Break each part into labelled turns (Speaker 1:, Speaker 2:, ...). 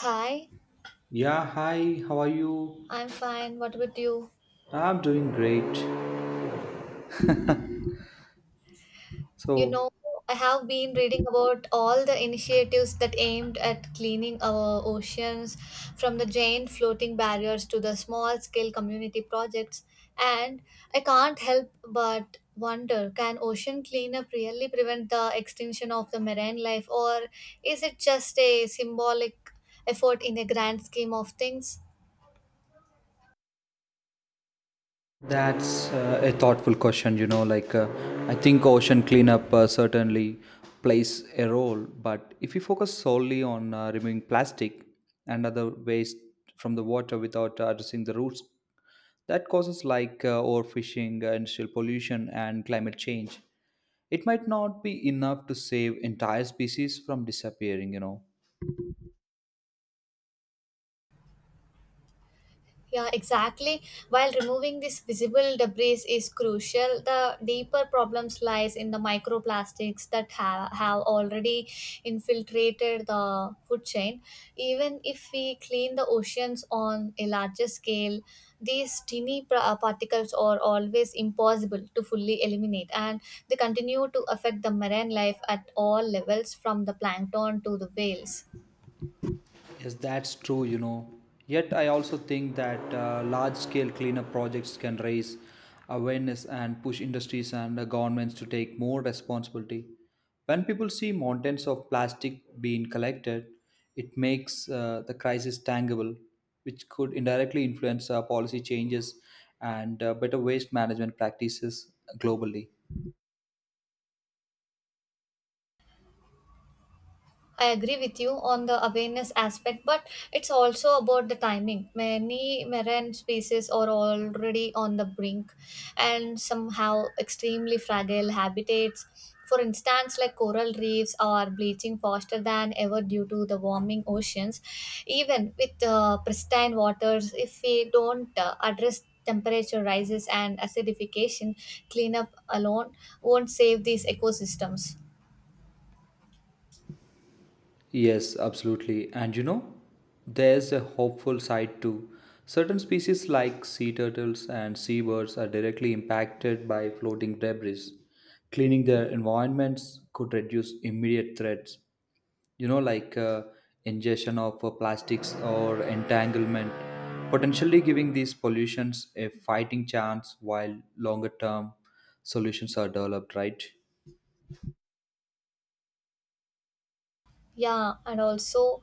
Speaker 1: Hi,
Speaker 2: Yeah, hi, how are you?
Speaker 1: I'm fine. What about you?
Speaker 2: I'm doing great.
Speaker 1: You
Speaker 2: So
Speaker 1: know, I have been reading about all the initiatives that aimed at cleaning our oceans, from the giant floating barriers to the small scale community projects, and I can't help but wonder, can ocean cleanup really prevent the extinction of the marine life, or is it just a symbolic effort in a grand scheme of things?
Speaker 2: that's a thoughtful question. I think ocean cleanup certainly plays a role, but if you focus solely on removing plastic and other waste from the water without addressing the roots, that causes like overfishing, industrial pollution, and climate change. It might not be enough to save entire species from disappearing.
Speaker 1: Yeah, exactly. While removing this visible debris is crucial, the deeper problems lies in the microplastics that have already infiltrated the food chain. Even if we clean the oceans on a larger scale, these tiny particles are always impossible to fully eliminate, and they continue to affect the marine life at all levels, from the plankton to the whales.
Speaker 2: Yes, that's true. Yet, I also think that large scale cleanup projects can raise awareness and push industries and governments to take more responsibility. When people see mountains of plastic being collected, it makes the crisis tangible, which could indirectly influence policy changes and better waste management practices globally.
Speaker 1: I agree with you on the awareness aspect, but it's also about the timing. Many marine species are already on the brink and somehow extremely fragile habitats. For instance, like coral reefs are bleaching faster than ever due to the warming oceans. Even with pristine waters, if we don't address temperature rises and acidification, cleanup alone won't save these ecosystems.
Speaker 2: Yes, absolutely. And you know, there's a hopeful side too. Certain species like sea turtles and seabirds are directly impacted by floating debris. Cleaning their environments could reduce immediate threats, you know, like ingestion of plastics or entanglement, potentially giving these pollutions a fighting chance while longer term solutions are developed, right?
Speaker 1: Yeah, and also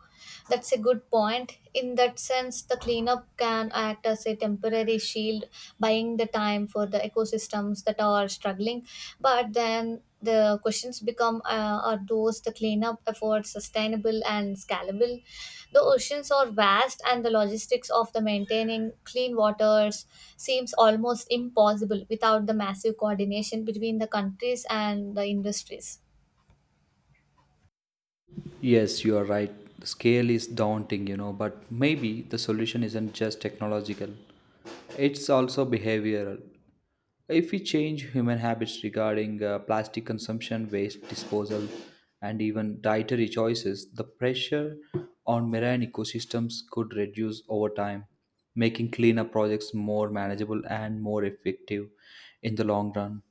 Speaker 1: that's a good point. In that sense, the cleanup can act as a temporary shield, buying the time for the ecosystems that are struggling. But then the questions become, are those the cleanup efforts sustainable and scalable? The oceans are vast, and the logistics of the maintaining clean waters seems almost impossible without the massive coordination between the countries and the industries.
Speaker 2: Yes, you are right. The scale is daunting, you know, but maybe the solution isn't just technological, it's also behavioral. If we change human habits regarding plastic consumption, waste disposal, and even dietary choices, the pressure on marine ecosystems could reduce over time, making cleanup projects more manageable and more effective in the long run.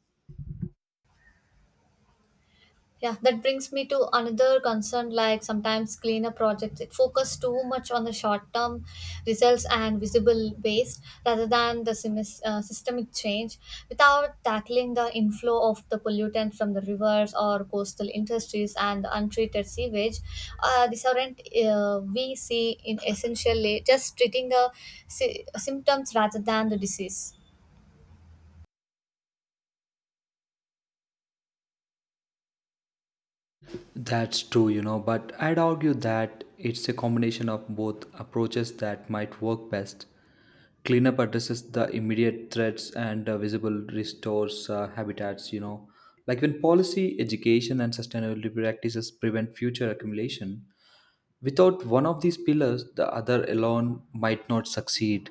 Speaker 1: Yeah, that brings me to another concern, like sometimes cleanup projects it focus too much on the short term results and visible waste rather than the systemic change without tackling the inflow of the pollutants from the rivers or coastal industries and the untreated sewage. These aren't, we see in essentially just treating the symptoms rather than the disease.
Speaker 2: That's true, you know, but I'd argue that it's a combination of both approaches that might work best. Cleanup addresses the immediate threats and visible restores habitats, you know. Like when policy, education, and sustainability practices prevent future accumulation, without one of these pillars, the other alone might not succeed.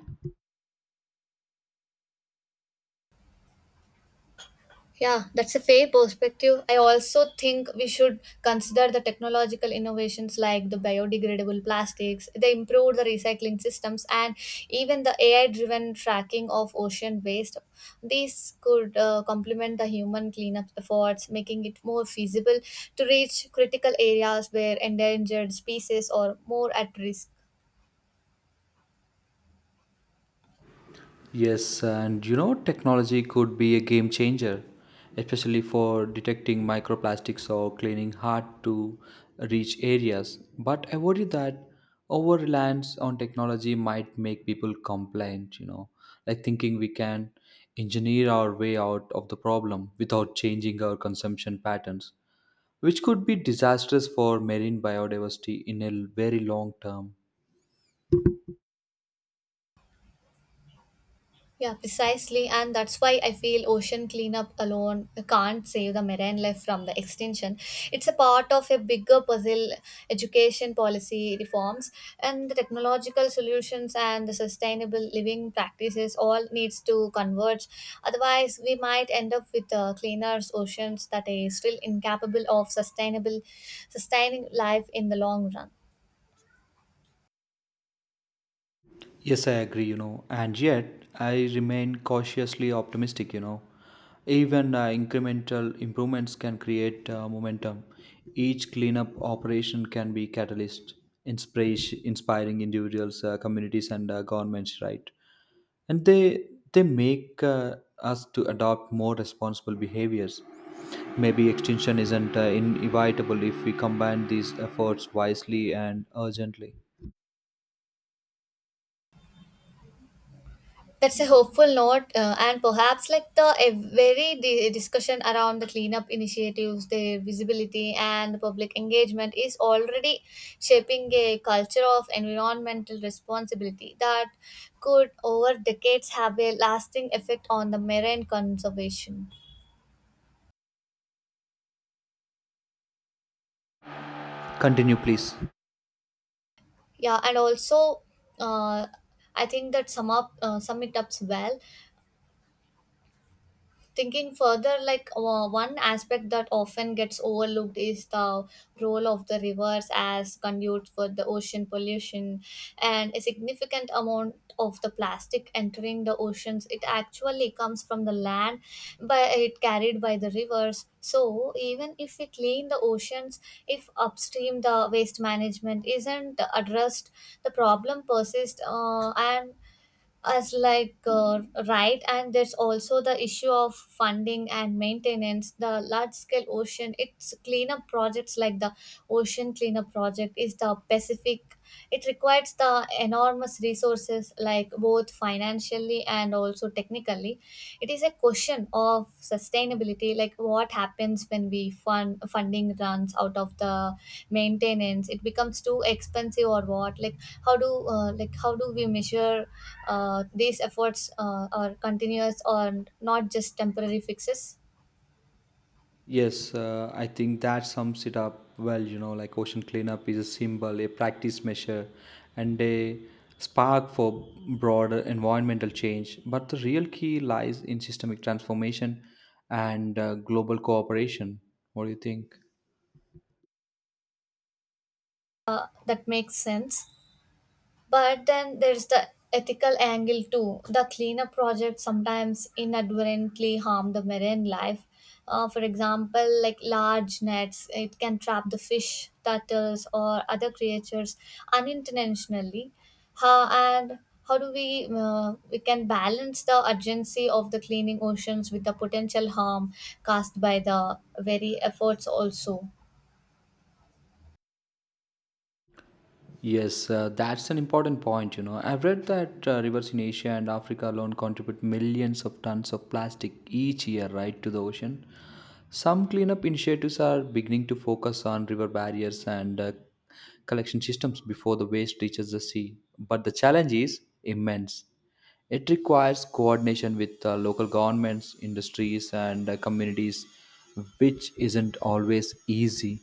Speaker 1: Yeah, that's a fair perspective. I also think we should consider the technological innovations like the biodegradable plastics, the improved the recycling systems, and even the AI-driven tracking of ocean waste. These could complement the human cleanup efforts, making it more feasible to reach critical areas where endangered species are more at risk.
Speaker 2: Yes, and you know, technology could be a game changer, especially for detecting microplastics or cleaning hard to reach areas. But I worry that over reliance on technology might make people complain, you know, like thinking we can engineer our way out of the problem without changing our consumption patterns, which could be disastrous for marine biodiversity in a very long term.
Speaker 1: Yeah, precisely. And that's why I feel ocean cleanup alone can't save the marine life from the extinction. It's a part of a bigger puzzle, education policy reforms and the technological solutions and the sustainable living practices all needs to converge. Otherwise, we might end up with cleaner oceans that are still incapable of sustainable sustaining life in the long run.
Speaker 2: Yes, I agree, you know, and yet I remain cautiously optimistic, you know. Even incremental improvements can create momentum. Each cleanup operation can be catalyst, inspiration, inspiring individuals, communities, and governments, right? And they make us to adopt more responsible behaviors. Maybe extinction isn't inevitable if we combine these efforts wisely and urgently.
Speaker 1: That's a hopeful note, and perhaps like the a discussion around the cleanup initiatives, their visibility, and the public engagement is already shaping a culture of environmental responsibility that could, over decades, have a lasting effect on the marine conservation.
Speaker 2: Continue, please.
Speaker 1: Yeah, and also, uh, I think that sum it up well. Thinking further, like one aspect that often gets overlooked is the role of the rivers as conduits for the ocean pollution, and a significant amount of the plastic entering the oceans it actually comes from the land, but it carried by the rivers. So even if we clean the oceans, if upstream the waste management isn't addressed, the problem persists, and as like right. And there's also the issue of funding and maintenance, the large scale ocean it's cleanup projects like the ocean cleanup project is the pacific. It requires the enormous resources, like both financially and also technically. It is a question of sustainability, like what happens when we fund funding runs out of the maintenance, it becomes too expensive, or what? Like how do like how do we measure these efforts are continuous or not just temporary fixes?
Speaker 2: Yes, I think that sums it up well. You know, like ocean cleanup is a symbol, a practice measure, and a spark for broader environmental change. But the real key lies in systemic transformation and global cooperation. What do you think?
Speaker 1: That makes sense. But then there's the ethical angle too. The cleanup projects sometimes inadvertently harm the marine life. For example, like large nets, it can trap the fish, turtles, or other creatures unintentionally. How and how do we can balance the urgency of the cleaning oceans with the potential harm caused by the very efforts also?
Speaker 2: Yes, that's an important point. You know, I've read that rivers in Asia and Africa alone contribute millions of tons of plastic each year, right, to the ocean. Some cleanup initiatives are beginning to focus on river barriers and collection systems before the waste reaches the sea, but the challenge is immense. It requires coordination with local governments, industries, and communities, which isn't always easy.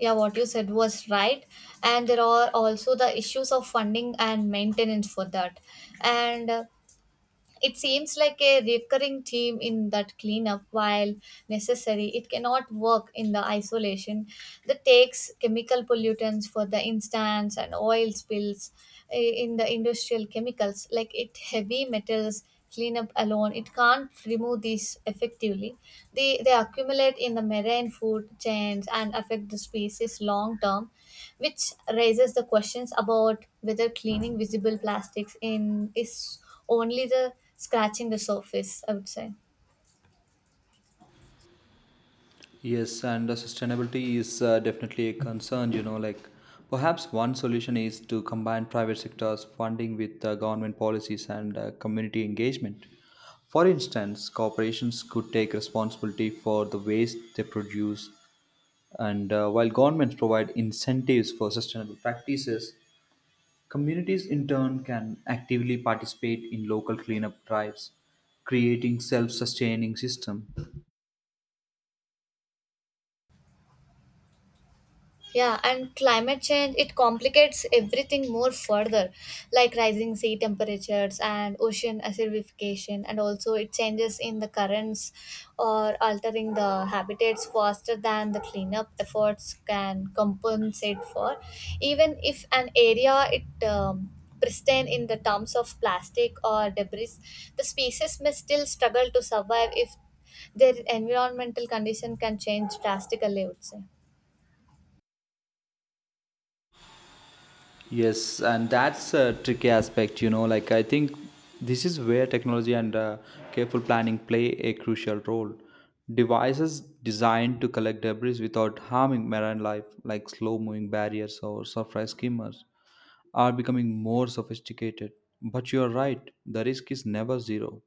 Speaker 1: Yeah, what you said was right. And there are also the issues of funding and maintenance for that, and it seems like a recurring theme in that cleanup, while necessary, it cannot work in the isolation. That takes chemical pollutants, for the instance, and oil spills, in the industrial chemicals, like it heavy metals, cleanup alone it can't remove these effectively. They accumulate in the marine food chains and affect the species long term, which raises the questions about whether cleaning visible plastics in is only the scratching the surface, I would say.
Speaker 2: Yes, and sustainability is definitely a concern, you know, like perhaps one solution is to combine private sector's funding with government policies and community engagement. For instance, corporations could take responsibility for the waste they produce, and while governments provide incentives for sustainable practices, communities in turn can actively participate in local cleanup drives, creating self-sustaining system.
Speaker 1: Yeah, and climate change it complicates everything more further, like rising sea temperatures and ocean acidification, and also it changes in the currents or altering the habitats faster than the cleanup efforts can compensate for. Even if an area it pristine in the terms of plastic or debris, the species may still struggle to survive if their environmental condition can change drastically. I would say.
Speaker 2: Yes, and that's a tricky aspect, you know. Like, I think this is where technology and careful planning play a crucial role. Devices designed to collect debris without harming marine life, like slow moving barriers or surface skimmers, are becoming more sophisticated. But you are right, the risk is never zero.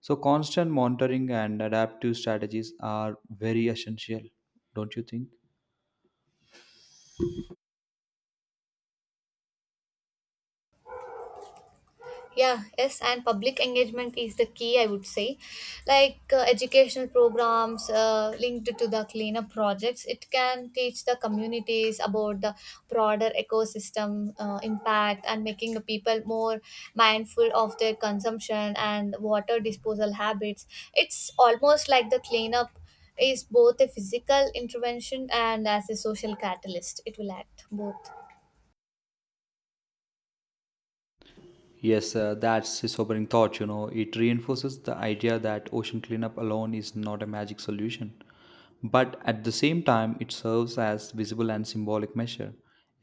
Speaker 2: So, constant monitoring and adaptive strategies are very essential, don't you think?
Speaker 1: Yeah, yes, and public engagement is the key, I would say. Like educational programs linked to the cleanup projects it can teach the communities about the broader ecosystem impact and making the people more mindful of their consumption and water disposal habits. It's almost like the cleanup is both a physical intervention and as a social catalyst, it will act both.
Speaker 2: Yes, that's a sobering thought, you know. It reinforces the idea that ocean cleanup alone is not a magic solution. But at the same time, it serves as visible and symbolic measure,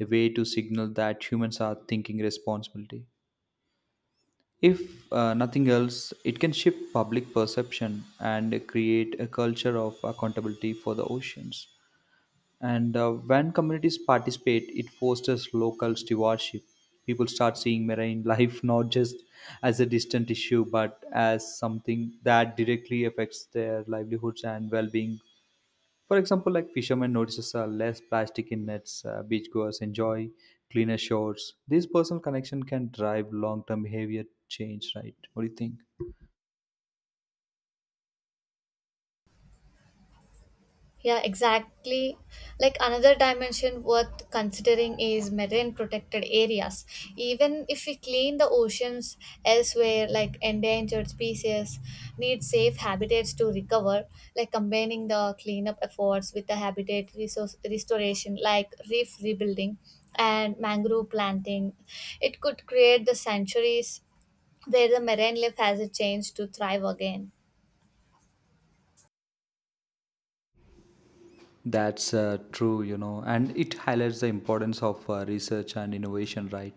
Speaker 2: a way to signal that humans are thinking responsibility. If nothing else, it can shift public perception and create a culture of accountability for the oceans. And when communities participate, it fosters local stewardship. People start seeing marine life not just as a distant issue, but as something that directly affects their livelihoods and well-being. For example, like fishermen notices less plastic in nets, beachgoers enjoy cleaner shores. This personal connection can drive long-term behavior change, right? What do you think?
Speaker 1: Yeah, exactly. Like another dimension worth considering is marine protected areas. Even if we clean the oceans elsewhere, like endangered species need safe habitats to recover, like combining the cleanup efforts with the habitat resource restoration, like reef rebuilding and mangrove planting. It could create the sanctuaries where the marine life has a chance to thrive again.
Speaker 2: That's true, you know, and it highlights the importance of research and innovation, right?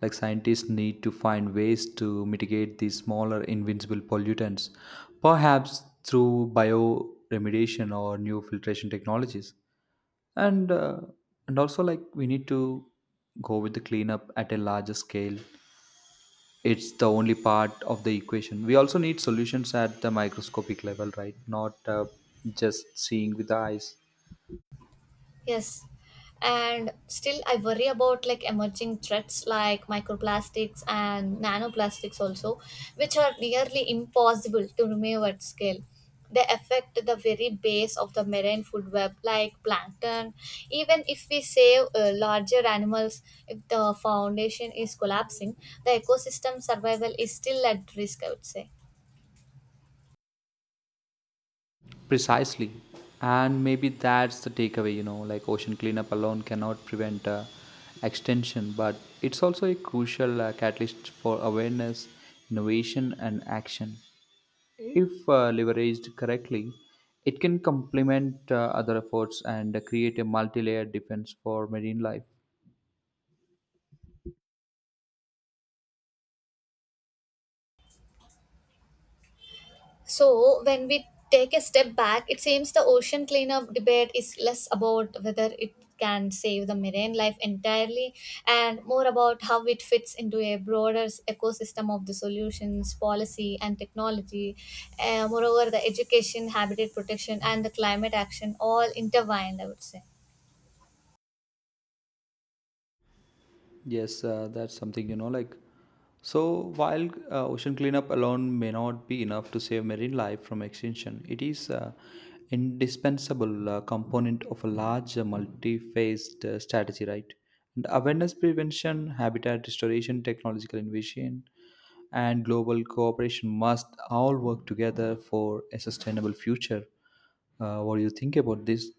Speaker 2: Like scientists need to find ways to mitigate these smaller invincible pollutants, perhaps through bioremediation or new filtration technologies. And uh, and also like we need to go with the cleanup at a larger scale. It's the only part of the equation. We also need solutions at the microscopic level, right? Not just seeing with the eyes.
Speaker 1: Yes. And still, I worry about like emerging threats like microplastics and nanoplastics, also, which are nearly impossible to remove at scale. They affect the very base of the marine food web, like plankton. Even if we save larger animals, if the foundation is collapsing, the ecosystem survival is still at risk, I would say.
Speaker 2: Precisely. And maybe that's the takeaway, you know, like ocean cleanup alone cannot prevent extension, but it's also a crucial catalyst for awareness, innovation, and action. If leveraged correctly, it can complement other efforts and create a multi layered defense for marine life.
Speaker 1: So, when we take a step back, it seems the ocean cleanup debate is less about whether it can save the marine life entirely and more about how it fits into a broader ecosystem of the solutions, policy, and technology. Moreover, the education, habitat protection, and the climate action all intertwined, I would say.
Speaker 2: Yes, that's something you know. Like, so while ocean cleanup alone may not be enough to save marine life from extinction, it is indispensable component of a large, multi-phased strategy, right? And awareness, prevention, habitat restoration, technological innovation, and global cooperation must all work together for a sustainable future. What do you think about this?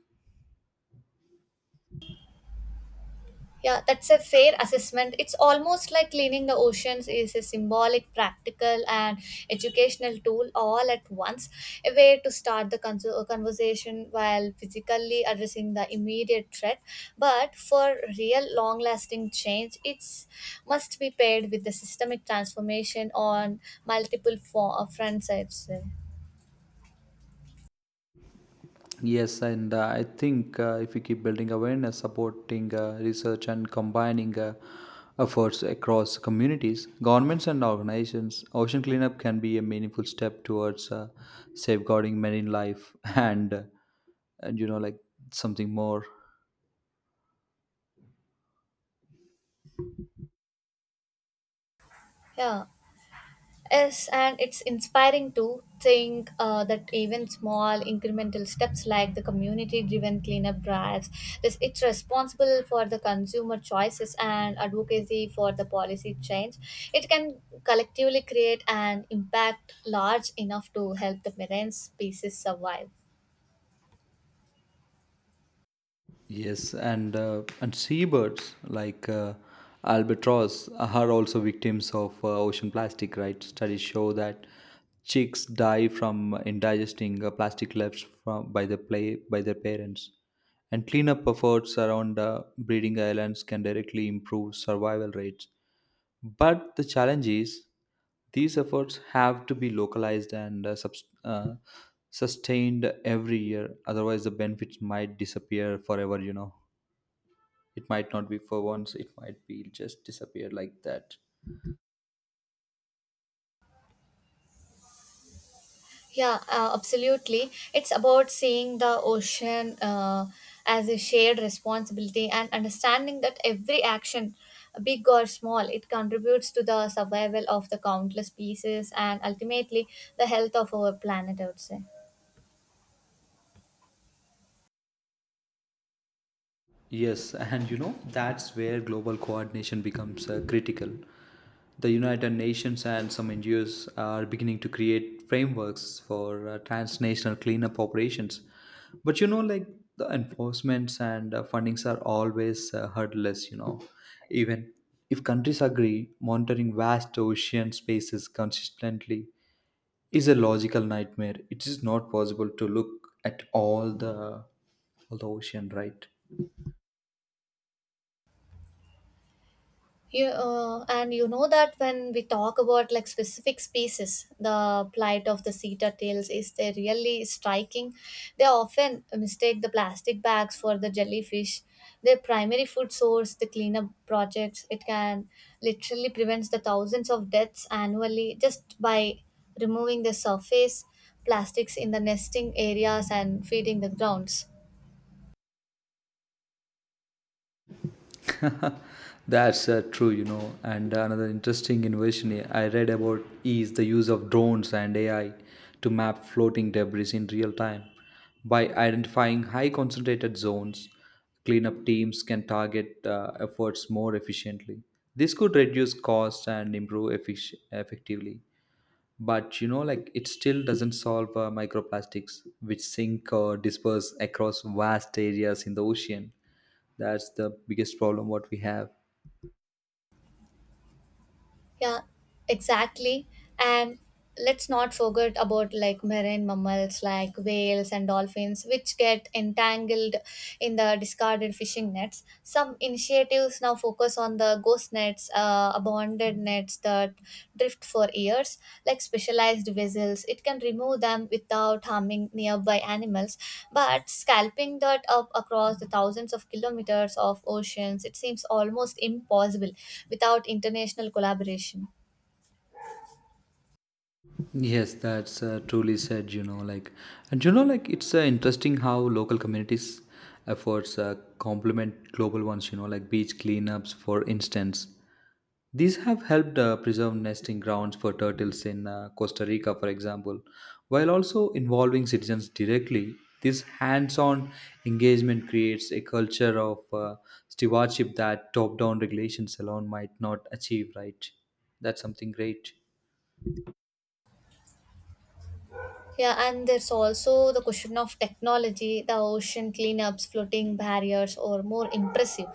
Speaker 1: Yeah, that's a fair assessment. It's almost like cleaning the oceans is a symbolic, practical, and educational tool all at once. A way to start the conversation while physically addressing the immediate threat. But for real, long lasting change, it's must be paired with the systemic transformation on multiple fronts, I'd say.
Speaker 2: Yes, and I think if we keep building awareness, supporting research, and combining efforts across communities, governments, and organizations, ocean cleanup can be a meaningful step towards safeguarding marine life and, and you know, like something more.
Speaker 1: Yeah. Yes, and it's inspiring to think that even small incremental steps like the community-driven cleanup drives, this it's responsible for the consumer choices and advocacy for the policy change. It can collectively create an impact large enough to help the marine species survive.
Speaker 2: Yes, and seabirds like albatross are also victims of ocean plastic, right? Studies show that chicks die from indigesting plastic left from by the play by their parents. And cleanup efforts around breeding islands can directly improve survival rates. But the challenge is these efforts have to be localized and sustained every year. Otherwise, the benefits might disappear forever, you know. It might not be for once, it might be just disappear like that.
Speaker 1: Yeah, absolutely. It's about seeing the ocean as a shared responsibility and understanding that every action, big or small, it contributes to the survival of the countless species and ultimately the health of our planet, I would say.
Speaker 2: Yes, and you know, that's where global coordination becomes critical. The United Nations and some NGOs are beginning to create frameworks for transnational cleanup operations. But you know, like the enforcements and fundings are always hurdleless, you know. Even if countries agree, monitoring vast ocean spaces consistently is a logical nightmare. It is not possible to look at all the ocean, right?
Speaker 1: You, and you know that when we talk about like specific species, the plight of the seta tails is they really striking. They often mistake the plastic bags for the jellyfish. Their primary food source, the cleanup projects, it can literally prevents the thousands of deaths annually just by removing the surface plastics in the nesting areas and feeding the grounds.
Speaker 2: That's true, you know. And another interesting innovation I read about is the use of drones and AI to map floating debris in real time. By identifying high concentrated zones, cleanup teams can target efforts more efficiently. This could reduce costs and improve effectively. But you know, like it still doesn't solve microplastics, which sink or disperse across vast areas in the ocean. That's the biggest problem what we have.
Speaker 1: Yeah, exactly. And let's not forget about like marine mammals like whales and dolphins, which get entangled in the discarded fishing nets. Some initiatives now focus on the ghost nets, abandoned nets, plates that drift for years, like specialized vessels. It can remove them without harming nearby animals, but scalping that up across the thousands of kilometers of oceans, it seems almost impossible without international collaboration.
Speaker 2: Yes, that's truly said, you know, like, and you know, like, it's interesting how local communities' efforts complement global ones, you know, like beach cleanups, for instance. These have helped preserve nesting grounds for turtles in Costa Rica, for example, while also involving citizens directly. This hands on engagement creates a culture of stewardship that top down regulations alone might not achieve, right? That's something great.
Speaker 1: Yeah, and there's also the question of technology, the ocean cleanups, floating barriers, or more impressive.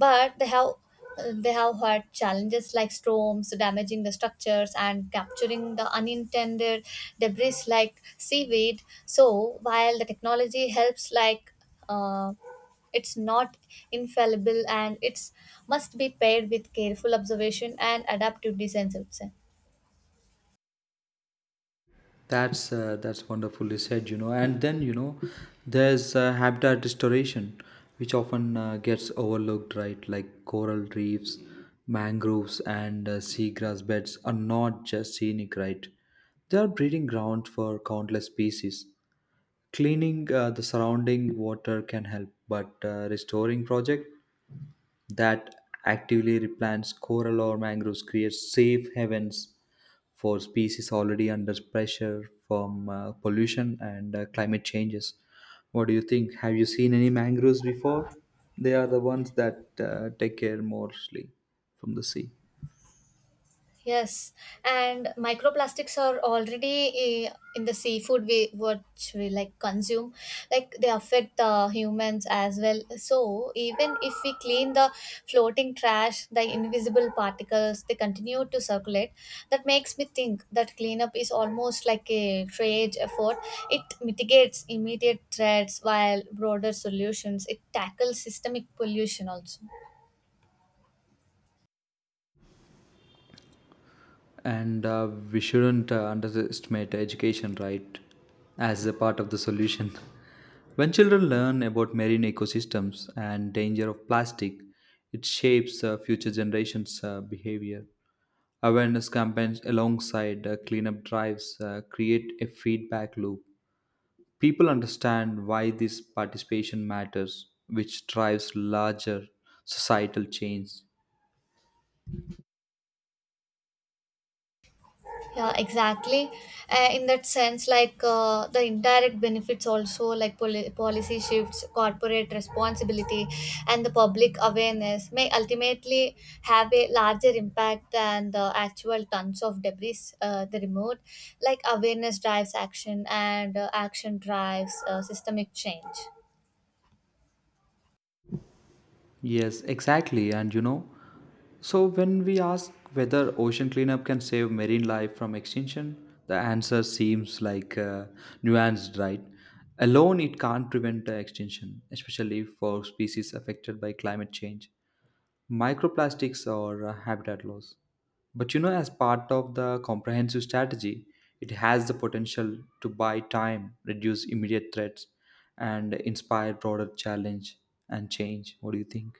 Speaker 1: But they have had challenges like storms damaging the structures and capturing the unintended debris like seaweed. So while the technology helps, like uh, it's not infallible and it's must be paired with careful observation and adaptive designs. I would say.
Speaker 2: That's wonderfully said, you know. And then you know, there's habitat restoration, which often gets overlooked, right? Like coral reefs, mangroves, and seagrass beds are not just scenic, right? They are breeding grounds for countless species. Cleaning the surrounding water can help, but restoring project that actively replants coral or mangroves creates safe havens for species already under pressure from pollution and climate changes. What do you think? Have you seen any mangroves before? They are the ones that take care mostly from the sea.
Speaker 1: Yes, and microplastics are already in the seafood we which we like consume. Like they affect the humans as well. So even if we clean the floating trash, the invisible particles they continue to circulate. That makes me think that cleanup is almost like a trade effort. It mitigates immediate threats while broader solutions. It tackles systemic pollution also.
Speaker 2: And we shouldn't underestimate education, right, as a part of the solution. When children learn about marine ecosystems and danger of plastic, it shapes future generations' behavior. Awareness campaigns alongside cleanup drives create a feedback loop. People understand why this participation matters, which drives larger societal change.
Speaker 1: Yeah, exactly. In that sense, like the indirect benefits also like policy shifts, corporate responsibility, and the public awareness may ultimately have a larger impact than the actual tons of debris the removed. Like awareness drives action and action drives systemic change.
Speaker 2: Yes, exactly. And you know, so when we ask whether ocean cleanup can save marine life from extinction, the answer seems like nuanced, right? Alone, it can't prevent extinction, especially for species affected by climate change, microplastics, or habitat loss. But you know, as part of the comprehensive strategy, it has the potential to buy time, reduce immediate threats, and inspire broader challenge and change. What do you think?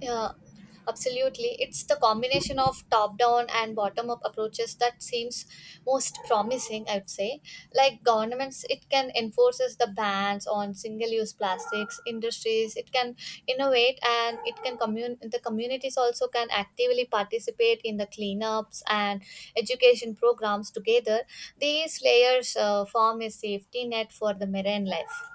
Speaker 1: Yeah, absolutely. It's the combination of top down and bottom up approaches that seems most promising, I would say. Like governments, it can enforces the bans on single use plastics, industries, it can innovate, and it can communities also can actively participate in the cleanups and education programs together. These layers form a safety net for the marine life.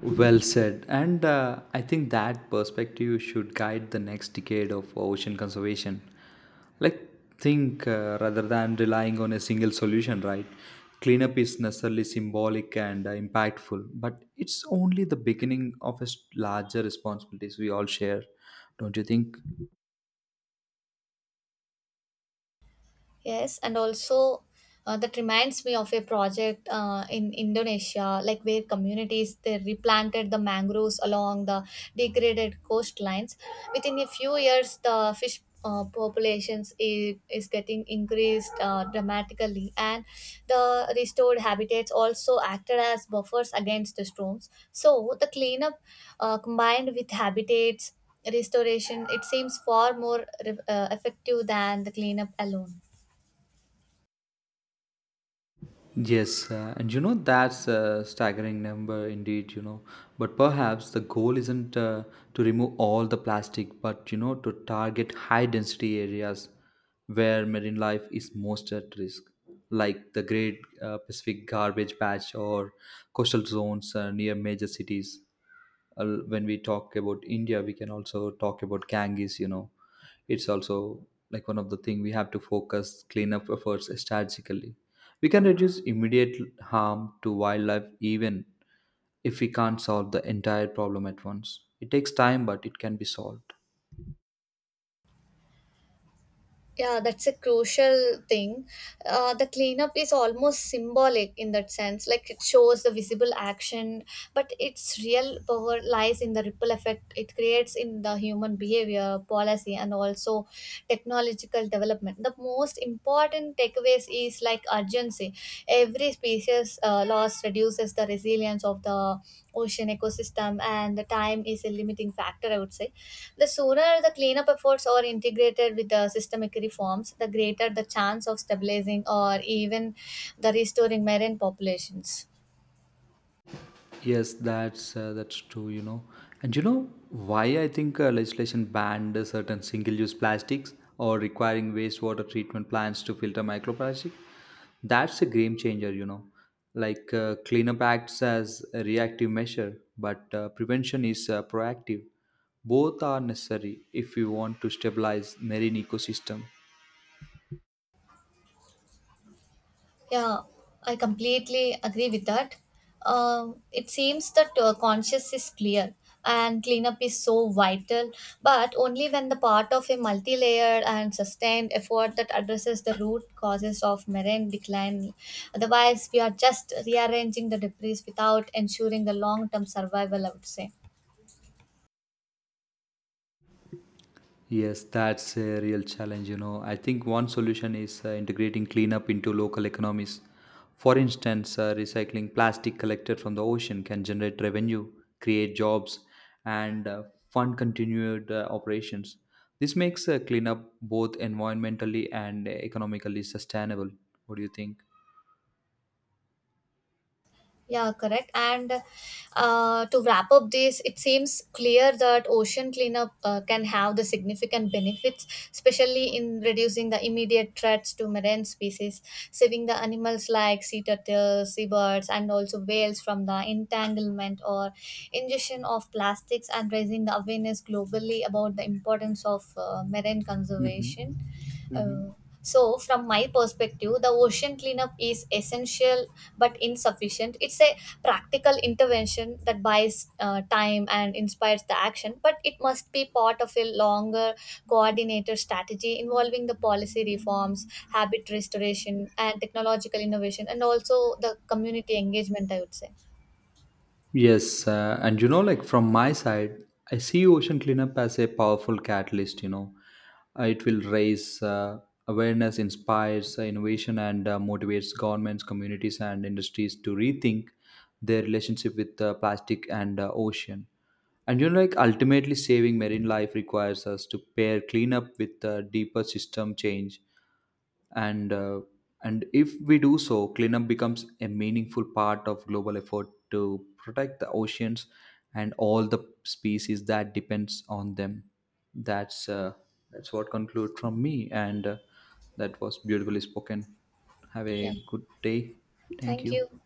Speaker 2: Well said. And I think that perspective should guide the next decade of ocean conservation. Like, think rather than relying on a single solution, right? Cleanup is necessarily symbolic and impactful, but it's only the beginning of a larger responsibilities we all share, don't you think?
Speaker 1: Yes, and also that reminds me of a project in Indonesia, like where communities they replanted the mangroves along the degraded coastlines. Within a few years, the fish populations is getting increased dramatically, and the restored habitats also acted as buffers against the storms. So the cleanup combined with habitats restoration, it seems far more effective than the cleanup alone.
Speaker 2: Yes, and you know that's a staggering number indeed, you know. But perhaps the goal isn't to remove all the plastic, but you know, to target high density areas where marine life is most at risk, like the Great Pacific Garbage Patch or coastal zones near major cities. When we talk about India, we can also talk about Ganges, you know. It's also like one of the thing we have to focus cleanup efforts strategically we can reduce immediate harm to wildlife even if we can't solve the entire problem at once. It takes time, but it can be solved.
Speaker 1: Yeah, that's a crucial thing. The cleanup is almost symbolic in that sense. Like it shows the visible action, but its real power lies in the ripple effect it creates in the human behavior, policy, and also technological development. The most important takeaways is like urgency. Every species loss reduces the resilience of the ocean ecosystem, and the time is a limiting factor, I would say. The sooner the cleanup efforts are integrated with the systemic reforms, the greater the chance of stabilizing or even the restoring marine populations.
Speaker 2: Yes, that's true. You know, and you know why I think legislation banned certain single-use plastics or requiring wastewater treatment plants to filter microplastic. That's a game changer. You know, like cleanup acts as a reactive measure, but prevention is proactive. Both are necessary if we want to stabilize marine ecosystem.
Speaker 1: Yeah, I completely agree with that. It seems that conscious is clear and cleanup is so vital, but only when the part of a multi layered and sustained effort that addresses the root causes of marine decline. Otherwise, we are just rearranging the debris without ensuring the long term survival, I would say.
Speaker 2: Yes, that's a real challenge. You know, I think one solution is integrating cleanup into local economies. For instance, recycling plastic collected from the ocean can generate revenue, create jobs, and fund continued operations. This makes cleanup both environmentally and economically sustainable. What do you think?
Speaker 1: Yeah, correct. And to wrap up this, it seems clear that ocean cleanup can have the significant benefits, especially in reducing the immediate threats to marine species, saving the animals like sea turtles, seabirds, and also whales from the entanglement or ingestion of plastics, and raising the awareness globally about the importance of marine
Speaker 2: Hmm.
Speaker 1: conservation. Uh, so, from my perspective, the ocean cleanup is essential but insufficient. It's a practical intervention that buys time and inspires the action, but it must be part of a longer coordinated strategy involving the policy reforms, habit restoration, and technological innovation, and also the community engagement, I would say.
Speaker 2: Yes, and you know, like from my side, I see ocean cleanup as a powerful catalyst. You know, it will raise awareness, inspires innovation, and motivates governments, communities, and industries to rethink their relationship with plastic and ocean. And you know, like ultimately, saving marine life requires us to pair cleanup with deeper system change and uh, and if we do so cleanup becomes a meaningful part of global effort to protect the oceans and all the species that depends on them. that's uh, that's what conclude from me, and that was beautifully spoken. Have a
Speaker 1: Yeah.
Speaker 2: good day. Thank
Speaker 1: Thank
Speaker 2: you.
Speaker 1: you.